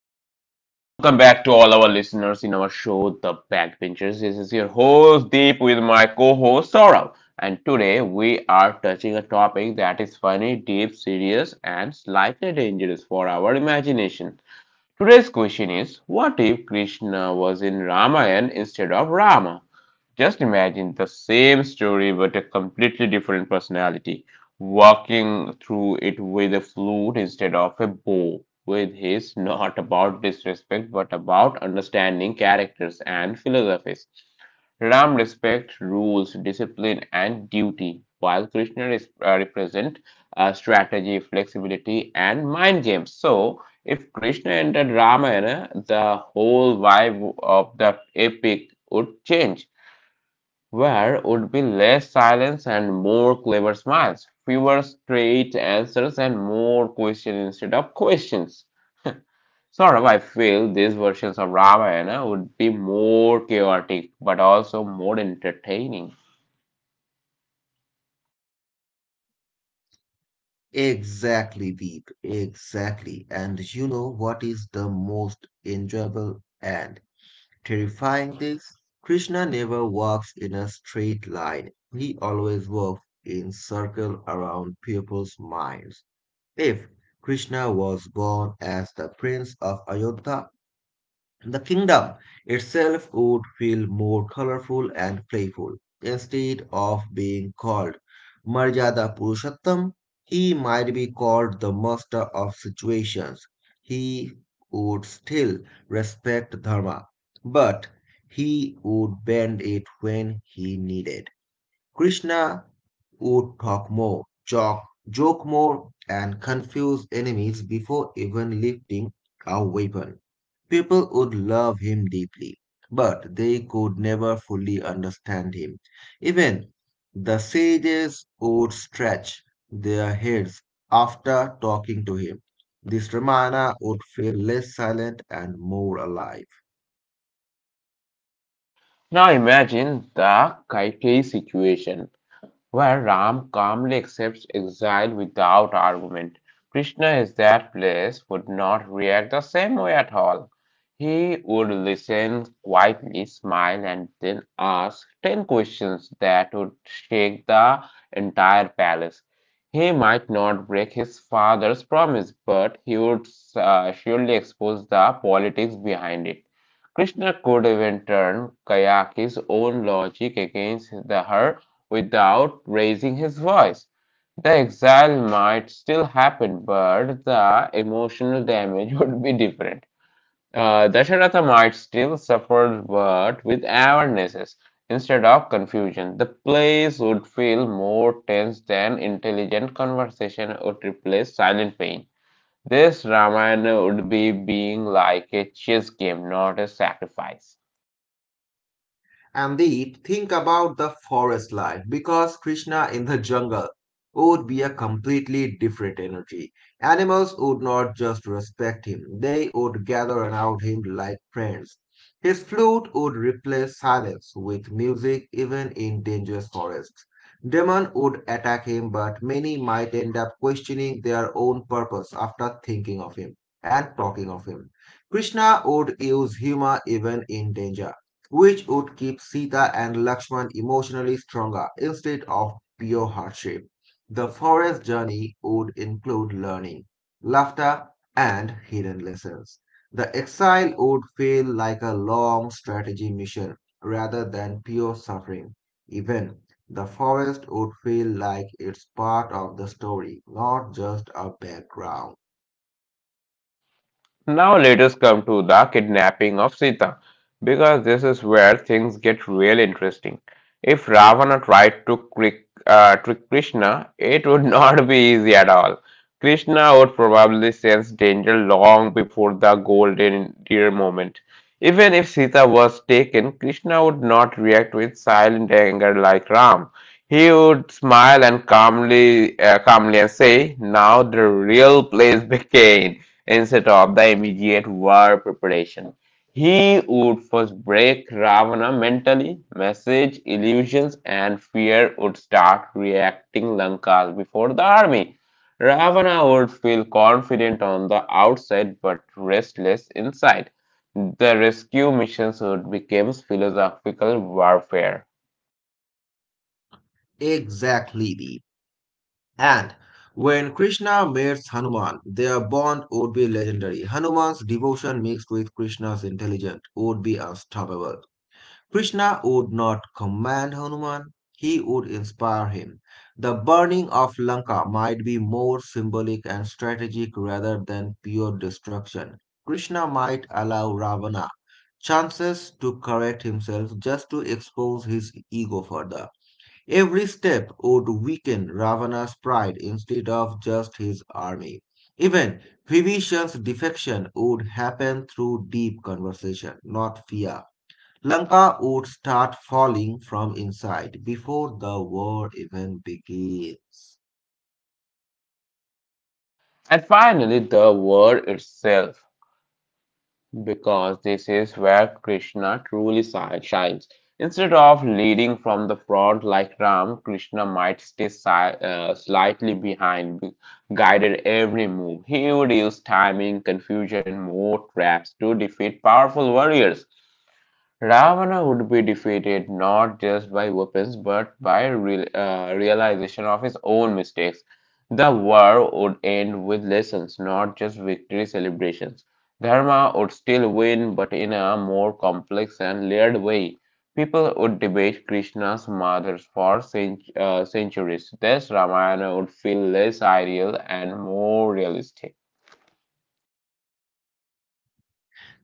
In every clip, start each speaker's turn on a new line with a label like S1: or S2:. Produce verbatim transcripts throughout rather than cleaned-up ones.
S1: Hello and welcome back to all our listeners in our show, The Backbenchers. This is your host Deep with my co-host Saurav, and today we are touching a topic that is funny, deep, serious, and slightly dangerous for our imagination. Today's question is: What if Krishna was in Ramayana instead of Rama? Just imagine the same story but a completely different personality, walking through it with a flute instead of a bow, with his not about disrespect but about understanding characters and philosophies. Ram respects rules, discipline, and duty, while Krishna is, uh, represent uh, strategy, flexibility, and mind games. So, if Krishna entered Ramayana, the whole vibe of the epic would change. Where would be less silence and more clever smiles, fewer straight answers and more questions instead of questions? Sort of, I feel these versions of Ramayana would be more chaotic but also more entertaining.
S2: Exactly, Deep. Exactly. And you know what is the most enjoyable and terrifying thing? Krishna never walks in a straight line. He always walks in circle around people's minds. If Krishna was born as the prince of Ayodhya, the kingdom itself would feel more colorful and playful. Instead of being called Marjada Purushottam, he might be called the master of situations. He would still respect Dharma, but he would bend it when he needed. Krishna would talk more, joke, joke more, and confuse enemies before even lifting a weapon. People would love him deeply, but they could never fully understand him. Even the sages would stretch their heads after talking to him. This Ramayana would feel less silent and more alive.
S1: Now imagine the Kaikeyi situation where Ram calmly accepts exile without argument. Krishna in that place would not react the same way at all. He would listen quietly, smile, and then ask ten questions that would shake the entire palace. He might not break his father's promise, but he would uh, surely expose the politics behind it. Krishna could even turn Kayaki's own logic against the, her without raising his voice. The exile might still happen, but the emotional damage would be different. Uh, Dasharatha might still suffer, but with awarenesses instead of confusion. The plays would feel more tense than intelligent conversation would replace silent pain. This Ramayana would be being like a chess game, not a sacrifice.
S2: And Deep, think about the forest life because Krishna in the jungle would be a completely different energy. Animals would not just respect him, they would gather around him like friends. His flute would replace silence with music even in dangerous forests. Demon would attack him, but many might end up questioning their own purpose after thinking of him and talking of him. Krishna would use humor even in danger which would keep Sita and Lakshman emotionally stronger instead of pure hardship. The forest journey would include learning, laughter, and hidden lessons. The exile would feel like a long strategy mission rather than pure suffering. Even the forest would feel like it's part of the story, not just a background.
S1: Now let us come to the kidnapping of Sita, because this is where things get real interesting. If Ravana tried to trick, uh, trick Krishna, it would not be easy at all. Krishna would probably sense danger long before the golden deer moment. Even if Sita was taken, Krishna would not react with silent anger like Ram. He would smile and calmly, uh, calmly and say, "Now the real plays begins," instead of the immediate war preparation. He would first break Ravana mentally, message, illusions, and fear would start reacting Lanka before the army. Ravana would feel confident on the outside but restless inside. The rescue missions would become philosophical warfare.
S2: Exactly, Deep. And when Krishna meets Hanuman, their bond would be legendary. Hanuman's devotion mixed with Krishna's intelligence would be unstoppable. Krishna would not command Hanuman, he would inspire him. The burning of Lanka might be more symbolic and strategic rather than pure destruction. Krishna might allow Ravana chances to correct himself just to expose his ego further. Every step would weaken Ravana's pride instead of just his army. Even Vibhishan's defection would happen through deep conversation, not fear. Lanka would start falling from inside before the war even begins.
S1: And finally, the war itself, because this is where Krishna truly si- shines. Instead of leading from the front like Ram, Krishna might stay si- uh, slightly behind, guided every move. He would use timing, confusion, and more traps to defeat powerful warriors. Ravana would be defeated not just by weapons but by real, uh, realization of his own mistakes. The war would end with lessons, not just victory celebrations. Dharma would still win, but in a more complex and layered way. People would debate Krishna's mothers for cent- uh, centuries. Thus, Ramayana would feel less ideal and more realistic.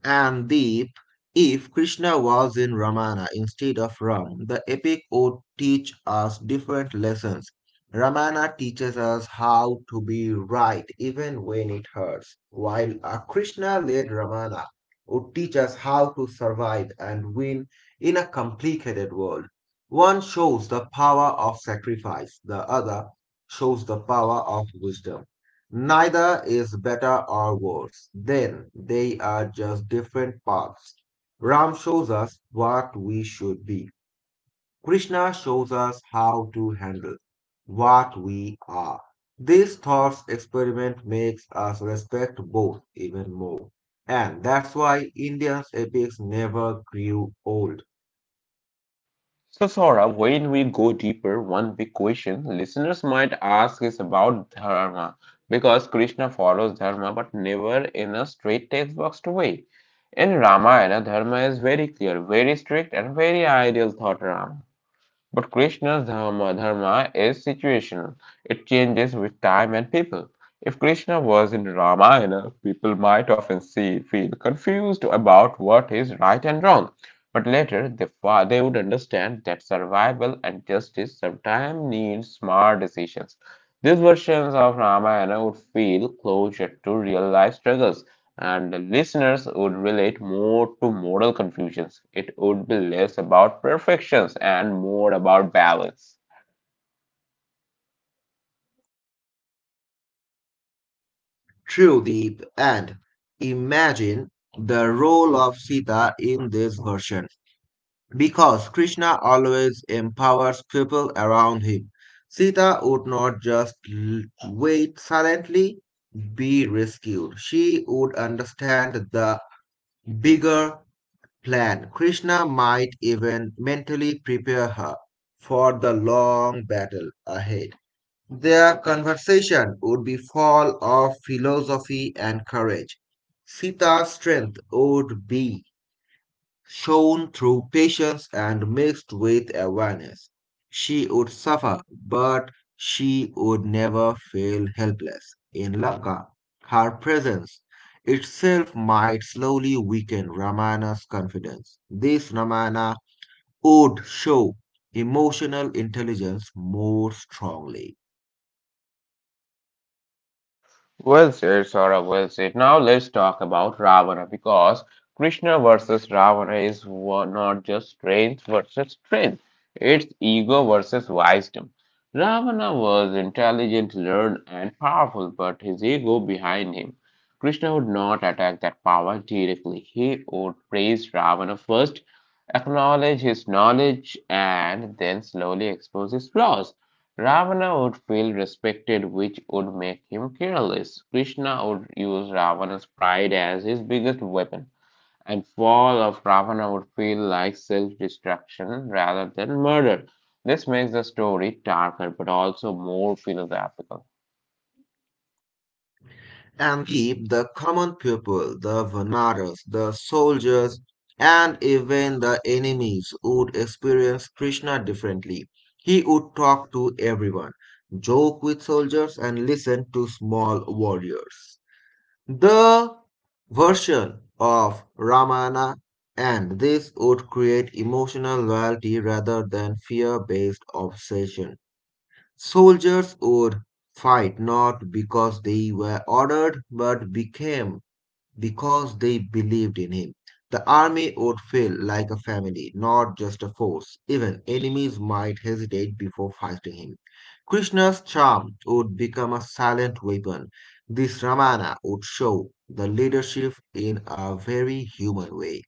S2: And deep. If Krishna was in Ramana instead of Ram, the epic would teach us different lessons. Ramana teaches us how to be right even when it hurts, while a Krishna led Ramana would teach us how to survive and win in a complicated world. One shows the power of sacrifice, the other shows the power of wisdom. Neither is better or worse. Then they are just different paths. Ram shows us what we should be. Krishna shows us how to handle what we are. This thought experiment makes us respect both even more. And that's why Indians' epics never grew old.
S1: So, Sora, when we go deeper, one big question listeners might ask is about dharma, because Krishna follows dharma but never in a straight textbook way. In Ramayana, dharma is very clear, very strict, and very ideal, thought Rama. But Krishna's dharma, dharma is situational. It changes with time and people. If Krishna was in Ramayana, people might often see, feel confused about what is right and wrong. But later, they, they would understand that survival and justice sometimes need smart decisions. These versions of Ramayana would feel closer to real life struggles and the listeners would relate more to moral confusions. It would be less about perfections and more about balance.
S2: True deep and imagine the role of Sita in this version. Because Krishna always empowers people around him. Sita would not just l- wait silently, be rescued. She would understand the bigger plan. Krishna might even mentally prepare her for the long battle ahead. Their conversation would be full of philosophy and courage. Sita's strength would be shown through patience and mixed with awareness. She would suffer, but she would never feel helpless. In Lanka, her presence itself might slowly weaken Ramana's confidence. This Ramana would show emotional intelligence more strongly.
S1: Well said, Saurabh, well said. Now let's talk about Ravana because Krishna versus Ravana is wa- not just strength versus strength, it's ego versus wisdom. Ravana was intelligent, learned, and powerful, but his ego behind him. Krishna would not attack that power directly. He would praise Ravana first, acknowledge his knowledge, and then slowly expose his flaws. Ravana would feel respected, which would make him careless. Krishna would use Ravana's pride as his biggest weapon, and fall of Ravana would feel like self-destruction rather than murder. This makes the story darker but also more philosophical.
S2: And keep the common people, the Vanaras, the soldiers, and even the enemies would experience Krishna differently. He would talk to everyone, joke with soldiers, and listen to small warriors. The version of Ramana and this would create emotional loyalty rather than fear based obsession. Soldiers would fight not because they were ordered, but became because they believed in him. The army would feel like a family, not just a force. Even enemies might hesitate before fighting him. Krishna's charm would become a silent weapon. This Ramana would show the leadership in a very human way.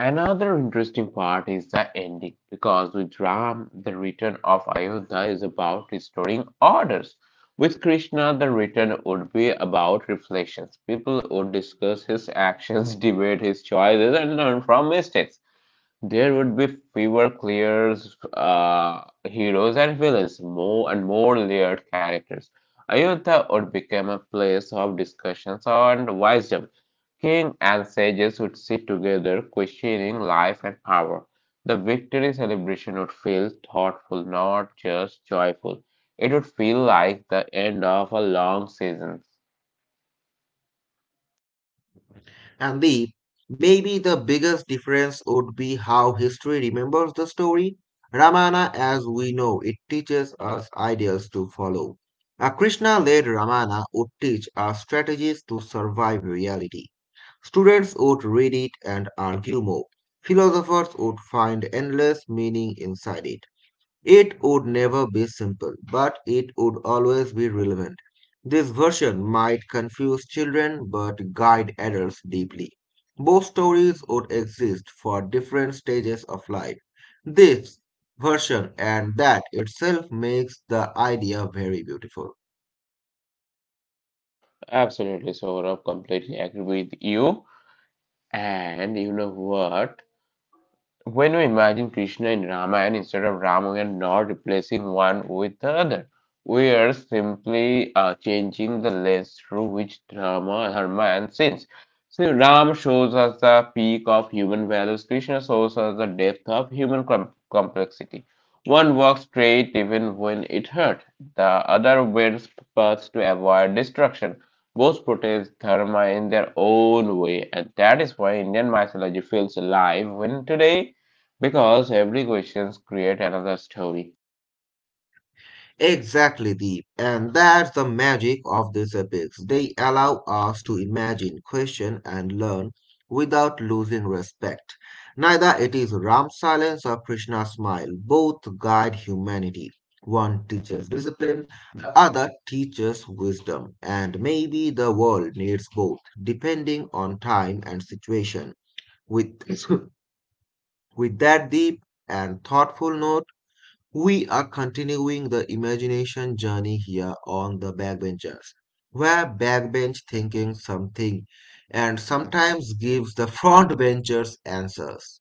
S1: Another interesting part is the ending, because with Ram, the return of Ayodhya is about restoring orders. With Krishna, the return would be about reflections. People would discuss his actions, debate his choices, and learn from mistakes. There would be fewer clear uh, heroes and villains, more and more layered characters. Ayodhya would become a place of discussions and wisdom. King and sages would sit together, questioning life and power. The victory celebration would feel thoughtful, not just joyful. It would feel like the end of a long season.
S2: And the maybe the biggest difference would be how history remembers the story. Ramana, as we know, it teaches us ideals to follow. A Krishna-led Ramana would teach us strategies to survive reality. Students would read it and argue more. Philosophers would find endless meaning inside it. It would never be simple, but it would always be relevant. This version might confuse children but guide adults deeply. Both stories would exist for different stages of life. This version and that itself makes the idea very beautiful.
S1: Absolutely, Saurabh, completely agree with you. And you know what? When we imagine Krishna in Ramayana instead of Rama, we are not replacing one with the other. We are simply uh, changing the lens through which Dharma, Dharma and sins. So Ram shows us the peak of human values. Krishna shows us the depth of human com- complexity. One walks straight even when it hurts. The other wears paths to avoid destruction. Both protest dharma in their own way, and that is why Indian mythology feels alive when today because every question creates another story.
S2: Exactly, Deep. And that's the magic of these epics. They allow us to imagine, question, and learn without losing respect. Neither it is Ram's silence or Krishna's smile. Both guide humanity. One teaches discipline, the other teaches wisdom. And maybe the world needs both, depending on time and situation. With, with that deep and thoughtful note, we are continuing the imagination journey here on the backbenchers, where backbench thinking something and sometimes gives the frontbenchers answers.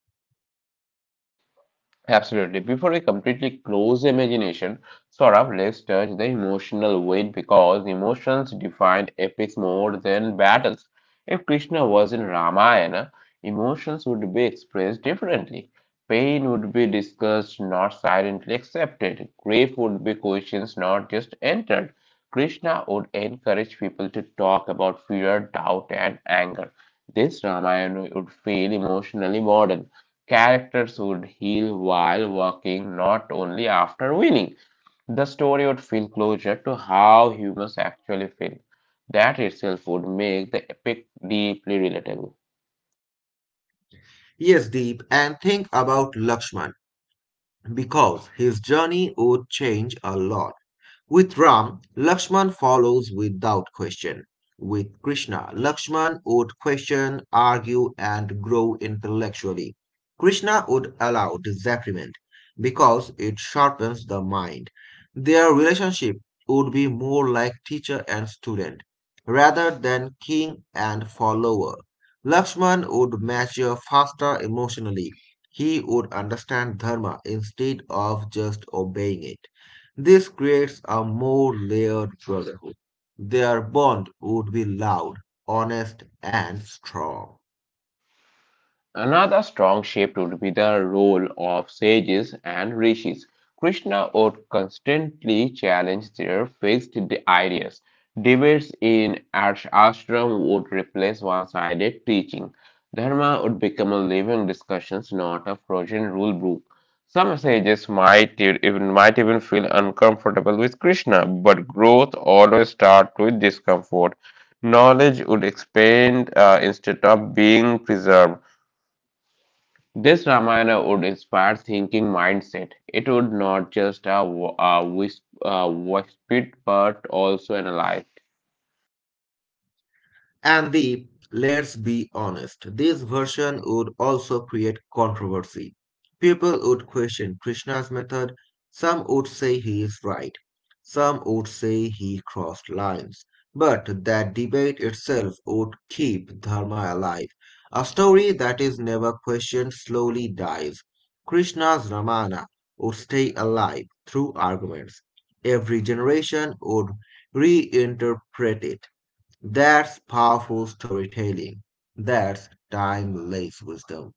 S1: Absolutely. Before we completely close imagination, sort of, let's touch the emotional weight because emotions defined epics more than battles. If Krishna was in Ramayana, emotions would be expressed differently. Pain would be discussed, not silently accepted. Grief would be questions, not just entered. Krishna would encourage people to talk about fear, doubt, and anger. This Ramayana would feel emotionally modern. Characters would heal while working, not only after winning. The story would feel closer to how humans actually feel. That itself would make the epic deeply relatable.
S2: Yes, Deep, and think about Lakshman because his journey would change a lot. With Ram, Lakshman follows without question. With Krishna, Lakshman would question, argue, and grow intellectually. Krishna would allow disagreement because it sharpens the mind. Their relationship would be more like teacher and student rather than king and follower. Lakshman would mature faster emotionally. He would understand dharma instead of just obeying it. This creates a more layered brotherhood. Their bond would be loud, honest, and strong.
S1: Another strong shape would be the role of sages and rishis. Krishna would constantly challenge their fixed ideas. Debates in ashram would replace one sided teaching. Dharma would become a living discussion, not a frozen rule book. Some sages might e- even, might even feel uncomfortable with Krishna, but growth always starts with discomfort. Knowledge would expand uh, instead of being preserved. This Ramayana would inspire thinking mindset. It would not just uh, w- uh, whisp, uh, whisper, but also analyze.
S2: And the let's be honest, this version would also create controversy. People would question Krishna's method. Some would say he is right. Some would say he crossed lines. But that debate itself would keep Dharma alive. A story that is never questioned slowly dies. Krishna's Ramana would stay alive through arguments. Every generation would reinterpret it that's powerful storytelling. That's timeless wisdom.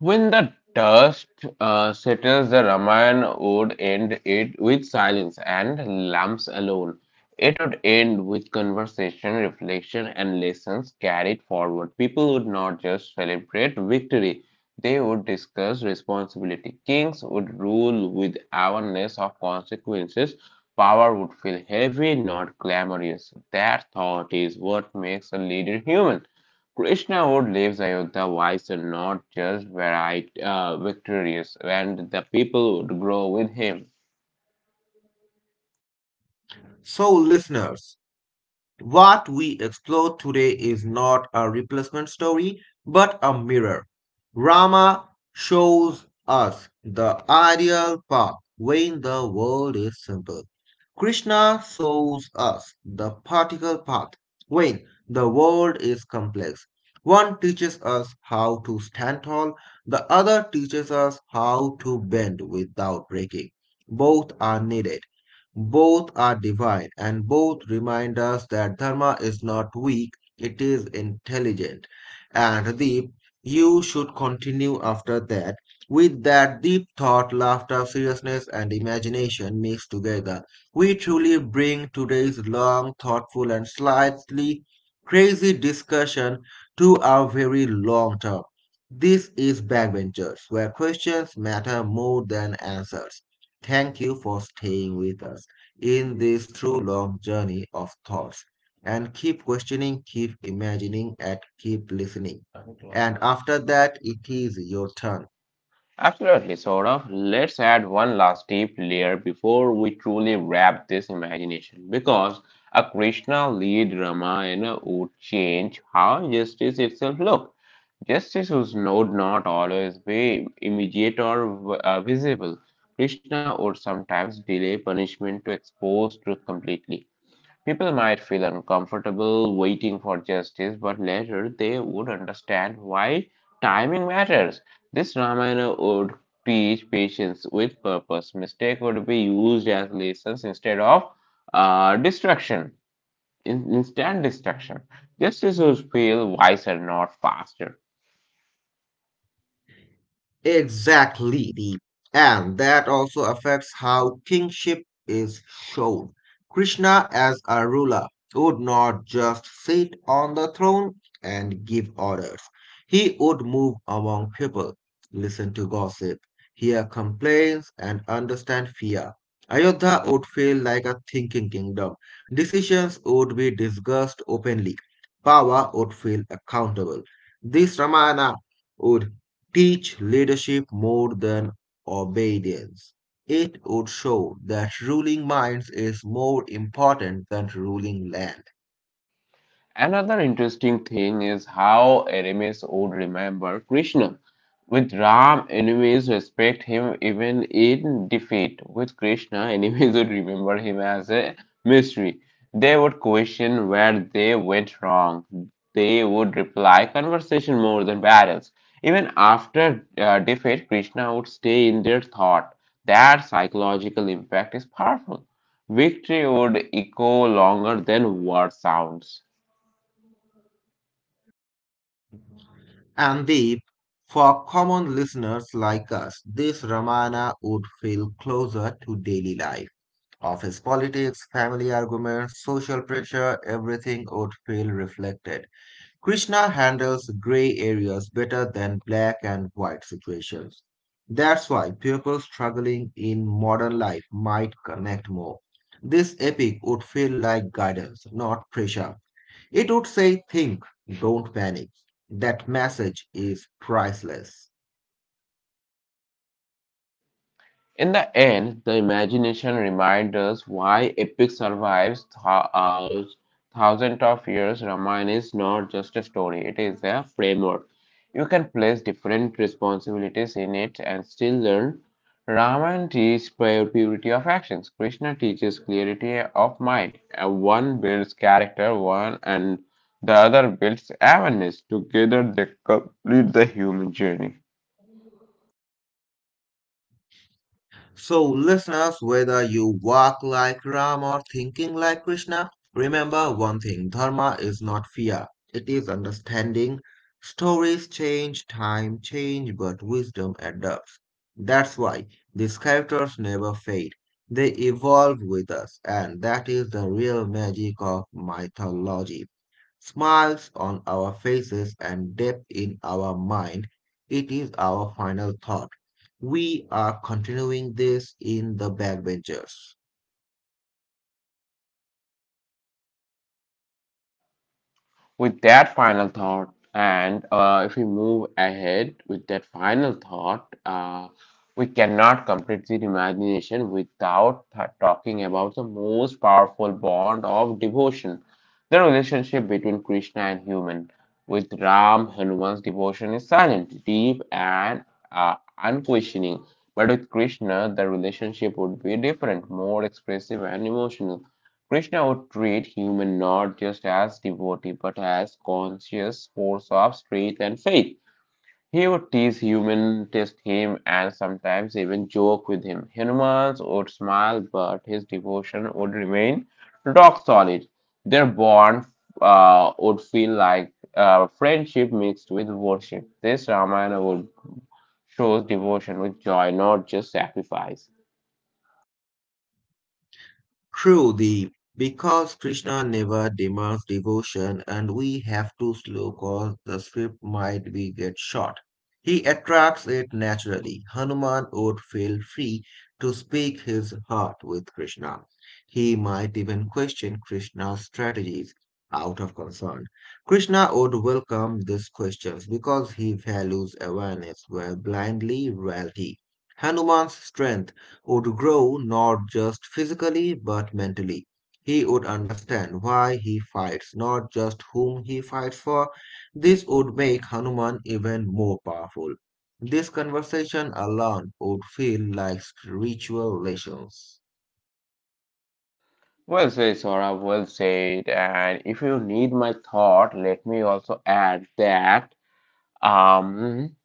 S1: When the dust uh, settles, the Ramayana would end it with silence and lamps alone. It would end with conversation, reflection, and lessons carried forward. People would not just celebrate victory, they would discuss responsibility. Kings would rule with awareness of consequences. Power would feel heavy, not glamorous. That thought is what makes a leader human. Krishna would leaves Ayodhya wise not just varied, uh, victorious, and the people would grow with him.
S2: So, listeners, what we explore today is not a replacement story, but a mirror. Rama shows us the ideal path when the world is simple. Krishna shows us the particle path when the world is complex. One teaches us how to stand tall, the other teaches us how to bend without breaking. Both are needed. Both are divine and both remind us that dharma is not weak, it is intelligent and deep. You should continue after that. With that deep thought, laughter, seriousness, and imagination mixed together, we truly bring today's long, thoughtful, and slightly crazy discussion to our very long term. This is Backbenchers, where questions matter more than answers. Thank you for staying with us
S1: In
S2: in
S1: this
S2: this true long journey of thoughts and keep questioning, keep imagining, and keep listening. And after that, it is your turn.
S1: Absolutely, sort of. Let's add one last deep layer before we truly wrap this imagination, because a Krishna lead Ramayana would change how justice itself looked. Justice was no, not always be immediate or uh, visible. Krishna would sometimes delay punishment to expose truth completely. People might feel uncomfortable waiting for justice, but later they would understand why timing matters. This Ramayana would teach patience with purpose. Mistake would be used as lessons instead of uh, destruction, in- instant destruction. Justice would feel wiser, not faster.
S2: Exactly. The, and that also affects how kingship is shown. Krishna, as a ruler, would not just sit on the throne and give orders. He would move among people, listen to gossip, hear complaints, and understand fear. Ayodhya would feel like a thinking kingdom. Decisions would be discussed openly. Power would feel accountable. This Ramayana would teach leadership more than obedience. It would show that ruling minds is more important than ruling land.
S1: Another interesting thing is how enemies would remember Krishna. With Ram, enemies respect him even in defeat. With Krishna, enemies would remember him as a mystery. They would question where they went wrong. They would reply conversation more than battles. Even after uh, defeat, Krishna would stay in their thought. That psychological impact is powerful. Victory would echo longer than word sounds.
S2: And Deep, for common listeners like us, this Ramana would feel closer to daily life. Office politics, family arguments, social pressure, everything would feel reflected. Krishna handles gray areas better than black and white situations. That's why people struggling in modern life might connect more. This epic would feel like guidance, not pressure. It would say, think, don't panic. That message is priceless.
S1: In the end, the imagination reminds us why epic survives th- uh, thousands of years. Ramayana is not just a story, it is a framework. You can place different responsibilities in it and still learn. Ramayana teaches purity of actions. Krishna teaches clarity of mind. Uh, One builds character, one and the other builds awareness. Together they complete the human journey.
S2: So, listeners, whether you walk like Ram or thinking like Krishna, remember one thing Dharma is not fear, it is understanding. Stories change, time change, but wisdom adapts. That's why these characters never fade, they evolve with us, and that is the real magic of mythology smiles on our faces, and depth in our mind. It is our final thought. We are continuing this in The Backbenchers.
S1: With that final thought, and uh, if we move ahead with that final thought, uh, we cannot complete the imagination without th- talking about the most powerful bond of devotion, the relationship between Krishna and human. With Ram, Hanuman's devotion is silent, deep, and uh, unquestioning. But with Krishna, the relationship would be different, more expressive and emotional. Krishna would treat human not just as devotee but as conscious force of strength and faith. He would tease human, test him, and sometimes even joke with him. Humans would smile, but his devotion would remain rock solid. Their bond uh, would feel like uh, friendship mixed with worship. This Ramayana would shows devotion with joy, not just sacrifice.
S2: Truly, because Krishna never demands devotion and we have to slow cause the script might be get short. He attracts it naturally. Hanuman would feel free to speak his heart with Krishna. He might even question Krishna's strategies out of concern. Krishna would welcome these questions because he values awareness where blindly reality. Hanuman's strength would grow not just physically but mentally. He would understand why he fights, not just whom he fights for. This would make Hanuman even more powerful. This conversation alone would feel like spiritual lessons.
S1: Well said, Sora, well said. And if you need my thought, let me also add that. Um,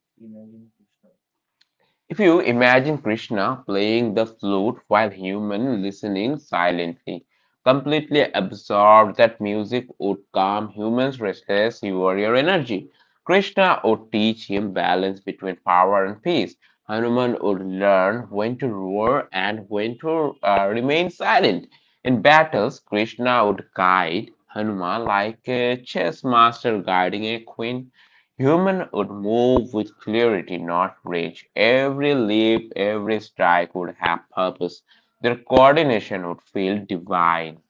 S1: if you imagine Krishna playing the flute while human listening silently, completely absorbed that music would calm humans' restless warrior energy. Krishna would teach him balance between power and peace. Hanuman would learn when to roar and when to uh, remain silent. In battles, Krishna would guide Hanuman like a chess master guiding a queen. Human would move with clarity, not rage. Every leap, every strike would have purpose. Their coordination would feel divine.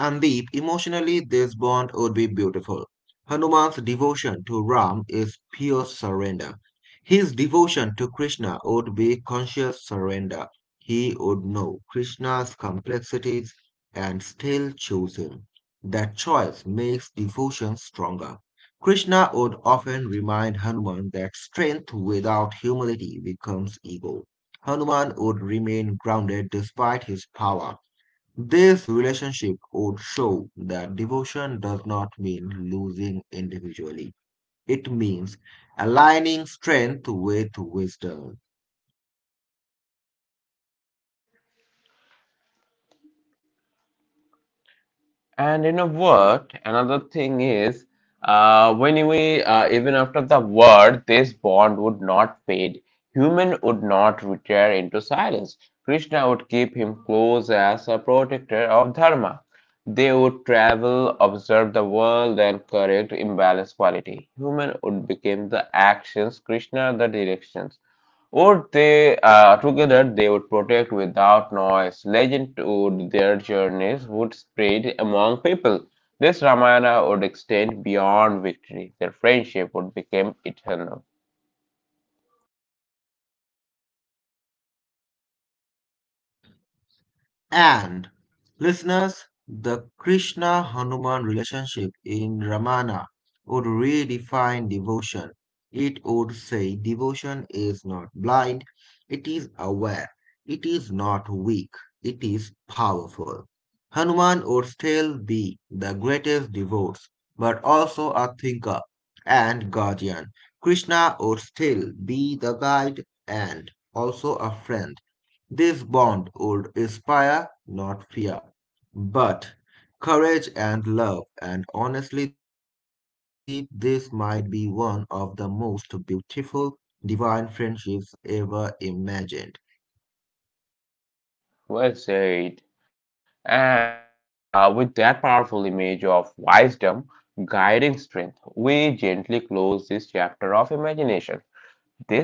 S2: And deep emotionally, this bond would be beautiful. Hanuman's devotion to Ram is pure surrender. His devotion to Krishna would be conscious surrender. He would know Krishna's complexities and still choose him. That choice makes devotion stronger. Krishna would often remind Hanuman that strength without humility becomes ego. Hanuman would remain grounded despite his power. This relationship would show that devotion does not mean losing individually. It means aligning strength with wisdom.
S1: And in a word, another thing is Uh, when we, uh, even after the war, this bond would not fade. Human would not retire into silence. Krishna would keep him close as a protector of Dharma. They would travel, observe the world, and correct imbalanced quality. Human would become the actions, Krishna the directions. Or they uh, together they would protect without noise. Legend would their journeys would spread among people. This Ramayana would extend beyond victory. Their friendship would become eternal.
S2: And, listeners, the Krishna Hanuman relationship in Ramana would redefine devotion. It would say devotion is not blind, it is aware, it is not weak, it is powerful. Hanuman would still be the greatest devotee, but also a thinker and guardian. Krishna would still be the guide and also a friend. This bond would inspire not fear, but courage and love, and honestly, Deep, this might be one of the most beautiful divine friendships ever imagined.
S1: Well said. And uh, with that powerful image of wisdom guiding strength, we gently close this chapter of imagination.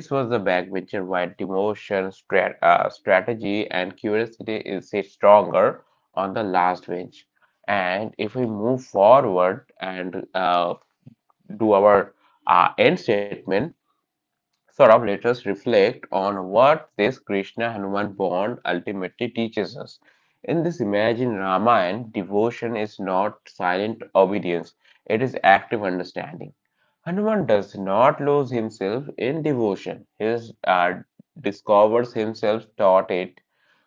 S1: This was the backbencher while demotion, strat- uh, strategy, and curiosity is say, stronger on the last bench. And if we move forward and uh, do our uh, end statement, Saurabh let us reflect on what this Krishna Hanuman bond ultimately teaches us. In this imagined Ramayana, devotion is not silent obedience, it is active understanding. Hanuman does not lose himself in devotion, he is, uh, discovers himself taught it.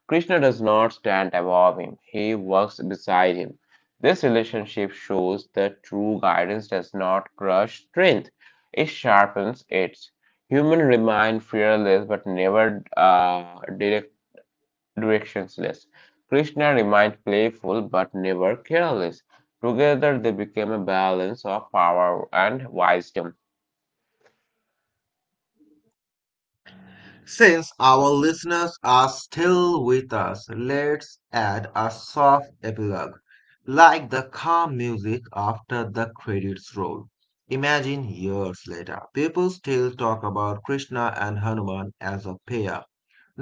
S1: Krishna does not stand above him, he works beside him. This relationship shows that true guidance does not crush strength, it sharpens it. Humans remain fearless but never uh, direct, directionless. Krishna remains playful but never careless. Together they became a balance of power and wisdom.
S2: Since our listeners are still with us, let's add a soft epilogue, like the calm music after the credits roll. Imagine years later, people still talk about Krishna and Hanuman as a pair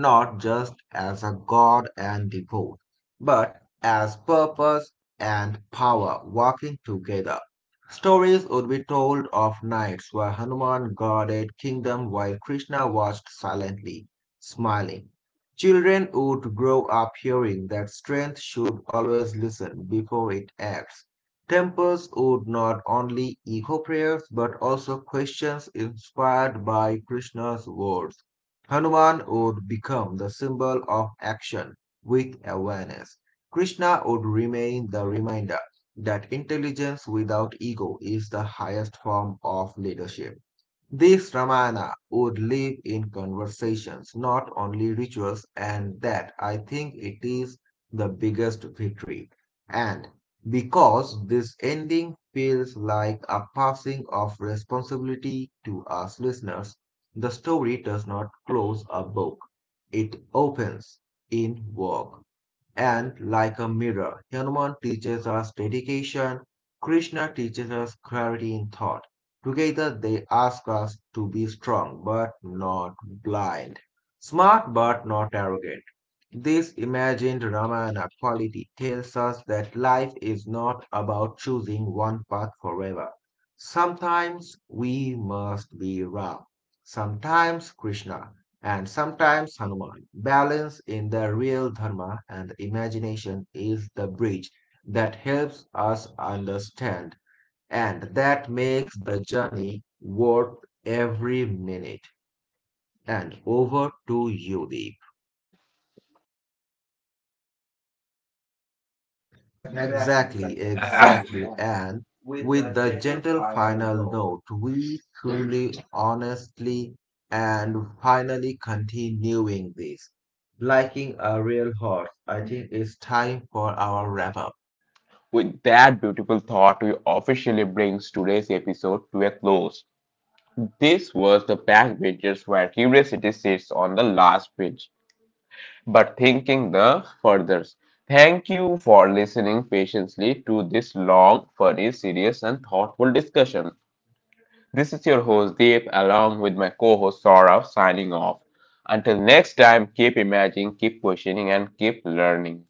S2: not just as a God and devote, but as purpose and power working together. Stories would be told of nights where Hanuman guarded kingdom while Krishna watched silently, smiling. Children would grow up hearing that strength should always listen before it acts. Temples would not only echo prayers but also questions inspired by Krishna's words. Hanuman would become the symbol of action with awareness. Krishna would remain the reminder that intelligence without ego is the highest form of leadership. These Ramana would live in conversations, not only rituals, and that I think it is the biggest victory. And because this ending feels like a passing of responsibility to us listeners, the story does not close a book, it opens in work. And like a mirror, Hanuman teaches us dedication, Krishna teaches us clarity in thought. Together they ask us to be strong but not blind, smart but not arrogant. This imagined Ramayana quality tells us that life is not about choosing one path forever. Sometimes we must be Ram, sometimes Krishna, and sometimes Hanuman. Balance in the real Dharma and imagination is the bridge that helps us understand and that makes the journey worth every minute. And over to you, Deep. Exactly, exactly. And with the gentle final note, we truly, honestly, and finally continuing this. Liking a real horse, I think it's time for our wrap up.
S1: With that beautiful thought, we officially brings today's episode to a close. This was the backbenchers where curiosity sits on the last bench, but thinking the furthest. Thank you for listening patiently to this long, funny, serious, and thoughtful discussion. This is your host Deep, along with my co-host Saurabh, signing off. Until next time, keep imagining, keep questioning, and keep learning.